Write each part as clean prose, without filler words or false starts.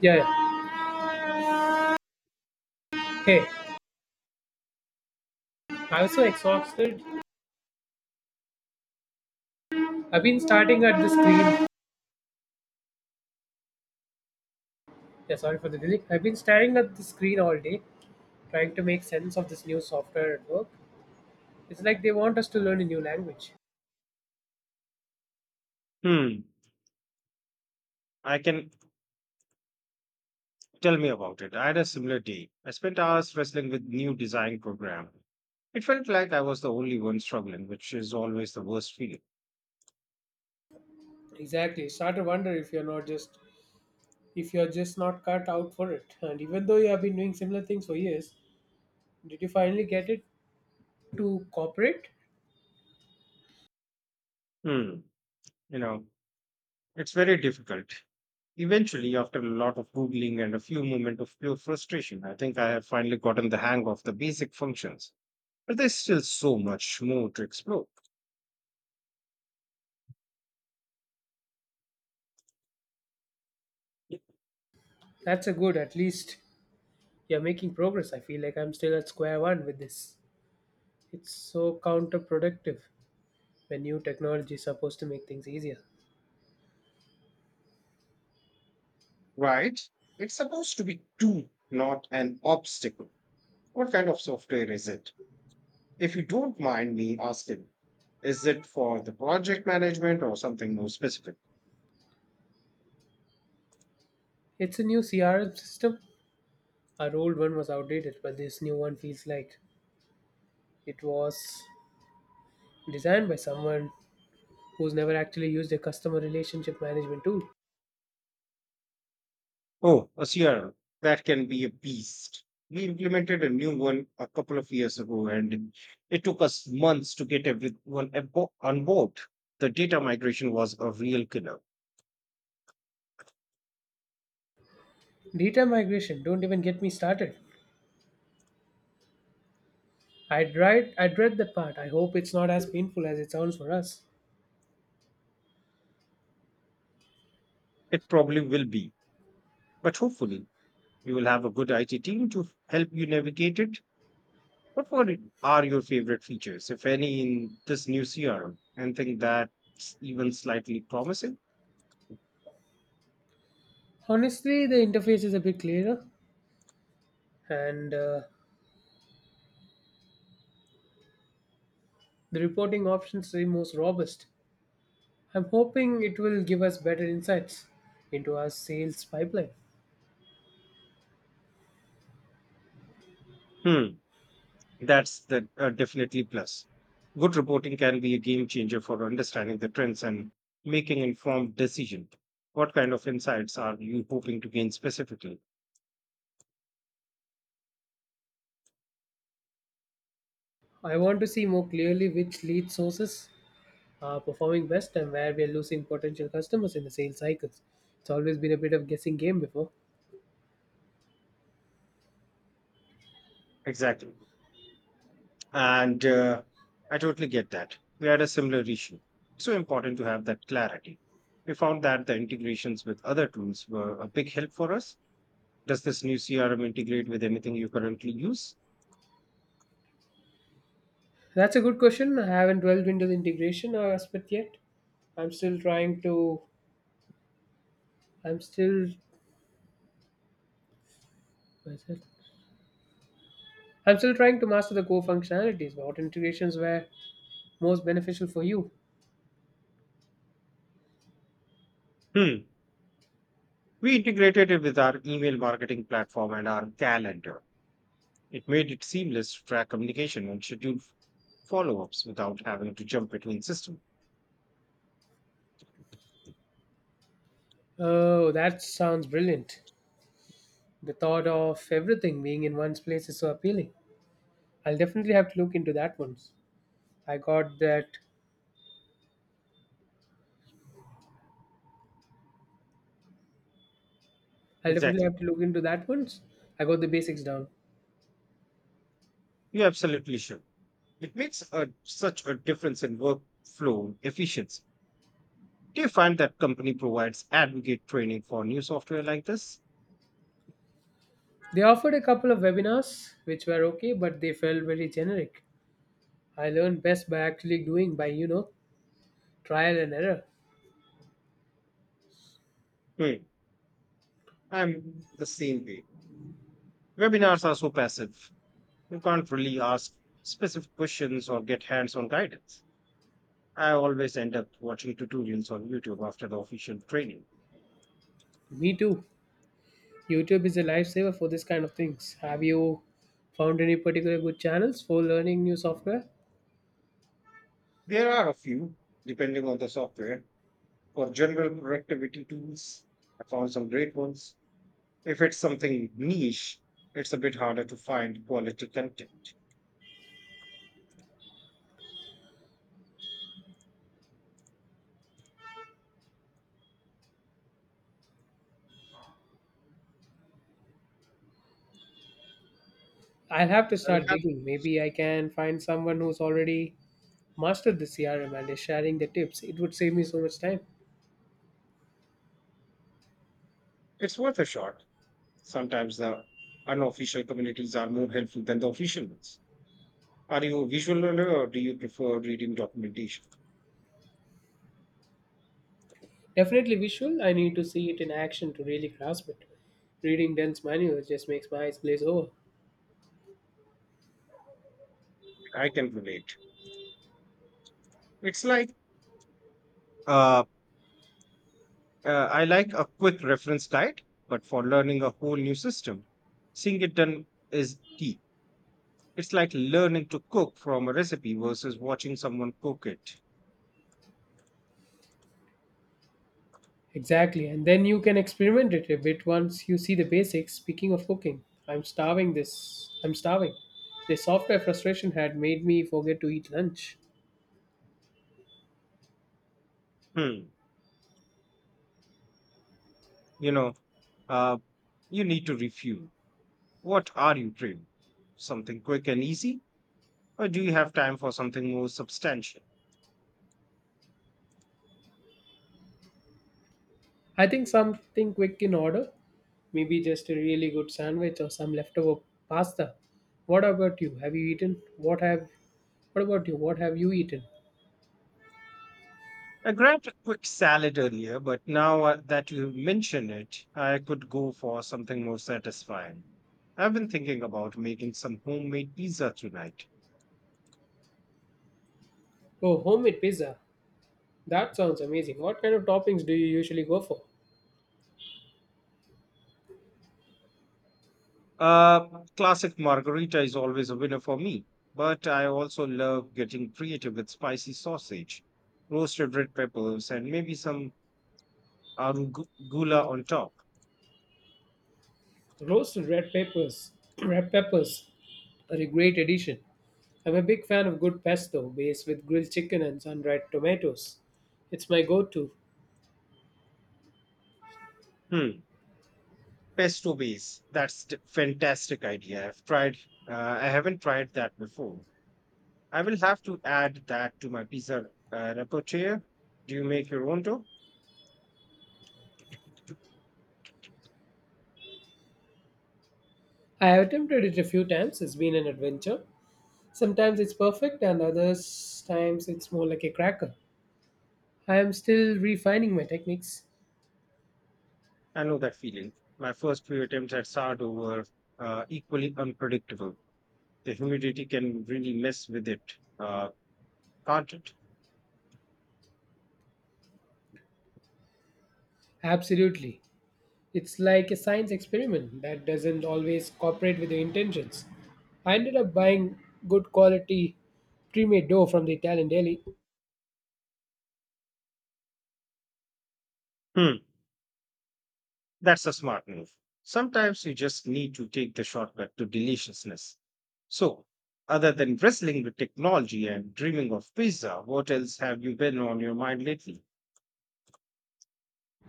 Yeah, yeah. Hey, I'm so exhausted. I've been starting at the screen. Yeah, sorry for the delay. I've been staring at the screen all day, trying to make sense of this new software at work. It's like they want us to learn a new language. Hmm, I can tell me about it. I had a similar day. I spent hours wrestling with new design program. It felt like I was the only one struggling, which is always the worst feeling. Exactly. Start to wonder if you're not just if you're just not cut out for it. And even though you have been doing similar things for years, did you finally get it to cooperate? Hmm, you know, it's very difficult. Eventually, after a lot of googling and a few moments of pure frustration, I think I have finally gotten the hang of the basic functions. But there's still so much more to explore. That's a good. At least you're making progress. I feel like I'm still at square one with this. It's so counterproductive when new technology is supposed to make things easier. Right? It's supposed to be tool, not an obstacle. What kind of software is it? If you don't mind me asking, is it for the project management or something more specific? It's a new CRM system. Our old one was outdated, but this new one feels like it was designed by someone who's never actually used a customer relationship management tool. Oh, a CRM. That can be a beast. We implemented a new one a couple of years ago and it took us months to get everyone on board. The data migration was a real killer. Data migration, don't even get me started. I dread that part. I hope it's not as painful as it sounds for us. It probably will be, but hopefully you will have a good IT team to help you navigate it. What were- are your favorite features, if any, in this new CRM? Anything that's even slightly promising? Honestly, the interface is a bit clearer and the reporting options are most robust. I'm hoping it will give us better insights into our sales pipeline. Hmm, that's the definitely plus. Good reporting can be a game changer for understanding the trends and making informed decisions. What kind of insights are you hoping to gain specifically? I want to see more clearly which lead sources are performing best and where we are losing potential customers in the sales cycles. It's always been a bit of guessing game before. Exactly, and I totally get that. We had a similar issue. So important to have that clarity. We found that the integrations with other tools were a big help for us. Does this new CRM integrate with anything you currently use? That's a good question. I haven't delved into the integration aspect yet. I'm still trying to. I'm still. What is it? I'm still trying to master the core functionalities. What integrations were most beneficial for you? Hmm. We integrated it with our email marketing platform and our calendar. It made it seamless to track communication and schedule follow-ups without having to jump between systems. Oh, that sounds brilliant. The thought of everything being in one place is so appealing. I'll definitely have to look into that once. I got that I'll definitely Exactly. have to look into that once I got the basics down. You're absolutely sure. It makes a, such a difference in workflow efficiency. Do you find that company provides advocate training for new software like this? They offered a couple of webinars which were okay, but they felt very generic. I learned best by actually doing by, you know, trial and error. Hmm. I'm the same way. Webinars are so passive. You can't really ask specific questions or get hands-on guidance. I always end up watching tutorials on YouTube after the official training. Me too. YouTube is a lifesaver for this kind of things. Have you found any particular good channels for learning new software? There are a few, depending on the software. For general productivity tools, I found some great ones. If it's something niche, it's a bit harder to find quality content. I'll have to I will start have digging. Maybe I can find someone who's already mastered the CRM and is sharing the tips. It would save me so much time. It's worth a shot. Sometimes the unofficial communities are more helpful than the official ones. Are you a visual learner or do you prefer reading documentation? Definitely visual, I need to see it in action to really grasp it. Reading dense manuals just makes my eyes glaze over. I can relate. It's like uh, I like a quick reference guide, but for learning a whole new system, seeing it done is key. It's like learning to cook from a recipe versus watching someone cook it. Exactly, and then you can experiment it a bit once you see the basics. Speaking of cooking, I'm starving this. I'm starving. The software frustration had made me forget to eat lunch. Hmm. You know, uh, you need to refuel. What are you craving? Something quick and easy? Or do you have time for something more substantial? I think something quick in order, maybe just a really good sandwich or some leftover pasta. What about you? Have you eaten? What have? What about you? What have you eaten? I grabbed a quick salad earlier, but now that you mention it, I could go for something more satisfying. I've been thinking about making some homemade pizza tonight. Oh, homemade pizza. That sounds amazing. What kind of toppings do you usually go for? Uh, Classic margarita is always a winner for me, but I also love getting creative with spicy sausage, roasted red peppers, and maybe some arugula on top. Roasted red peppers, red peppers are a great addition. I'm a big fan of good pesto based with grilled chicken and sun-dried tomatoes. It's my go-to. Hmm, Pesto base. That's a fantastic idea. Uh, I haven't tried that before. I will have to add that to my pizza repertoire. Do you make your own dough? I have attempted it a few times. It's been an adventure. Sometimes it's perfect and others times it's more like a cracker. I am still refining my techniques. I know that feeling. My first few attempts at sourdough were equally unpredictable. The humidity can really mess with it, can't it? Absolutely. It's like a science experiment that doesn't always cooperate with your intentions. I ended up buying good quality pre-made dough from the Italian deli. Hmm, that's a smart move. Sometimes you just need to take the shortcut to deliciousness. So, other than wrestling with technology and dreaming of pizza, what else have you been on your mind lately?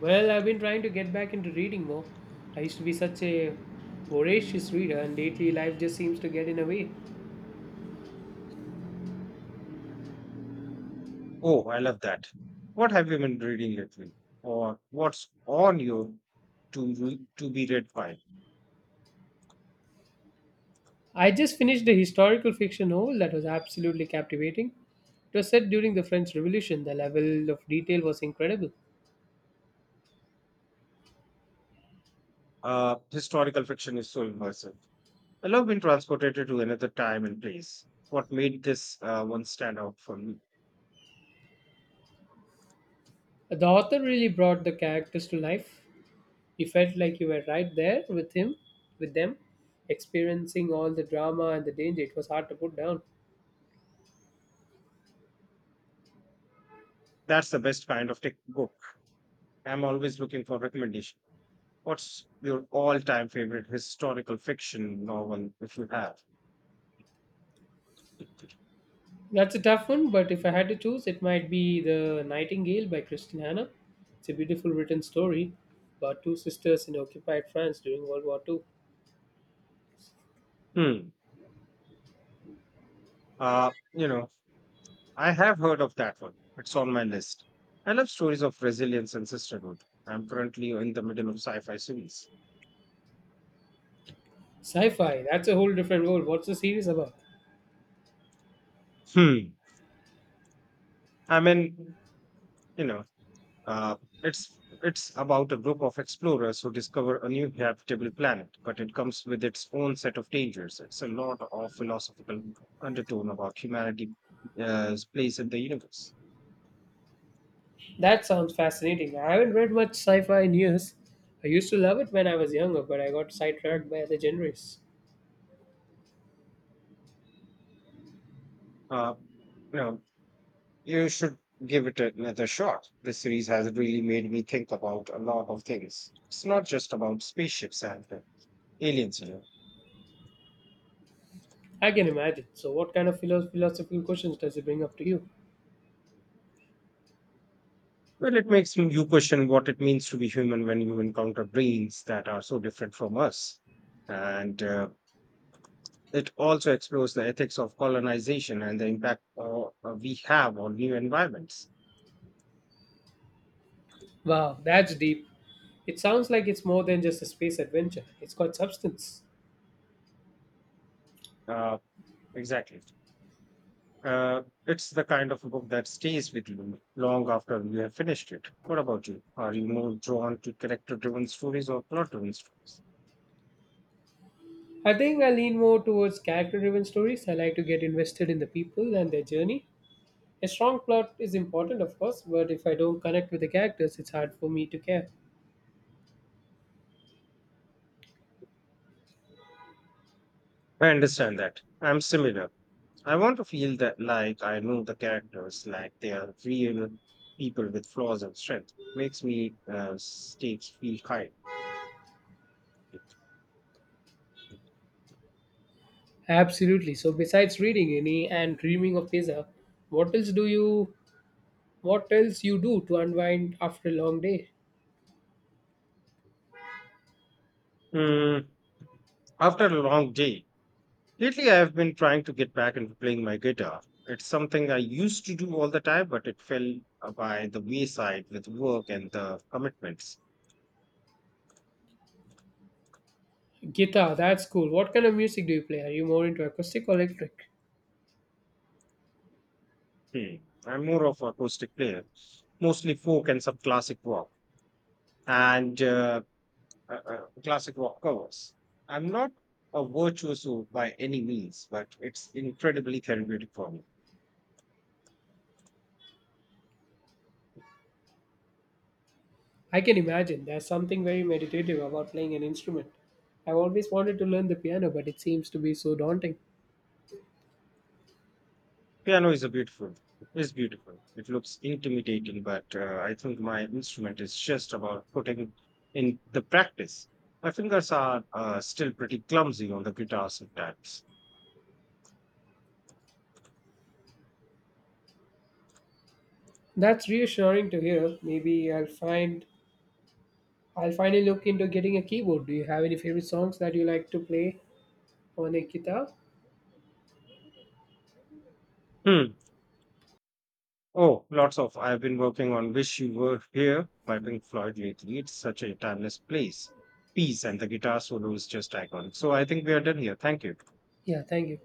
Well, I've been trying to get back into reading more. I used to be such a voracious reader, and lately life just seems to get in the way. Oh, I love that. What have you been reading lately? Or what's on your to be read pile? I just finished a historical fiction novel that was absolutely captivating. It was set during the French Revolution. The level of detail was incredible. Historical fiction is so immersive. I love being transported to another time and place. What made this one stand out for me? The author really brought the characters to life. You felt like you were right there with him, with them, experiencing all the drama and the danger. It was hard to put down. That's the best kind of tech book. I'm always looking for recommendation. What's your all-time favorite historical fiction novel if you have? That's a tough one, but if I had to choose, it might be The Nightingale by Christian Hanna. It's a beautiful written story about two sisters in occupied France during World War Two. Hmm. Uh, you know, I have heard of that one. It's on my list. I love stories of resilience and sisterhood. I'm currently in the middle of sci-fi series. Sci fi, that's a whole different world. What's the series about? Hmm. I mean, you know, uh, it's about a group of explorers who discover a new habitable planet, but it comes with its own set of dangers. It's a lot of philosophical undertone about humanity's place in the universe. That sounds fascinating. I haven't read much sci fi in years. I used to love it when I was younger, but I got sidetracked by other genres. Uh, you know, You should give it another shot. This series has really made me think about a lot of things. It's not just about spaceships and aliens. I can imagine. So, what kind of philosophical questions does it bring up to you? Well, it makes you question what it means to be human when you encounter brains that are so different from us. And It also explores the ethics of colonization and the impact we have on new environments. Wow, that's deep. It sounds like it's more than just a space adventure, it's got substance. Uh, exactly. It's the kind of book that stays with you long after you have finished it. What about you? Are you more drawn to character driven stories or plot driven stories? I think I lean more towards character driven stories. I like to get invested in the people and their journey. A strong plot is important, of course, but if I don't connect with the characters, it's hard for me to care. I understand that. I'm similar. I want to feel that like I know the characters, like they are real people with flaws and stakes. Makes me stakes feel high. Absolutely. So, besides reading any and dreaming of pizza, what else do you? What else you do to unwind after a long day? Mm, after a long day, Lately, I have been trying to get back into playing my guitar. It's something I used to do all the time, but it fell by the wayside with work and the commitments. Guitar, that's cool. What kind of music do you play? Are you more into acoustic or electric? Hmm. I'm more of an acoustic player, mostly folk and some classic rock and classic rock covers. I'm not a virtuoso by any means, but it's incredibly therapeutic for me. I can imagine there's something very meditative about playing an instrument. I've always wanted to learn the piano, but it seems to be so daunting. Piano is a beautiful. It's beautiful. It looks intimidating, but I think my instrument is just about putting in the practice. My fingers are still pretty clumsy on the guitar sometimes. That's reassuring to hear. Maybe I'll find I'll finally look into getting a keyboard. Do you have any favorite songs that you like to play on a guitar? Hmm. Oh, lots of. I've been working on "Wish You Were Here" by Pink Floyd lately. It's such a piece, and the guitar solo is just iconic. So I think we are done here. Thank you. Yeah, thank you.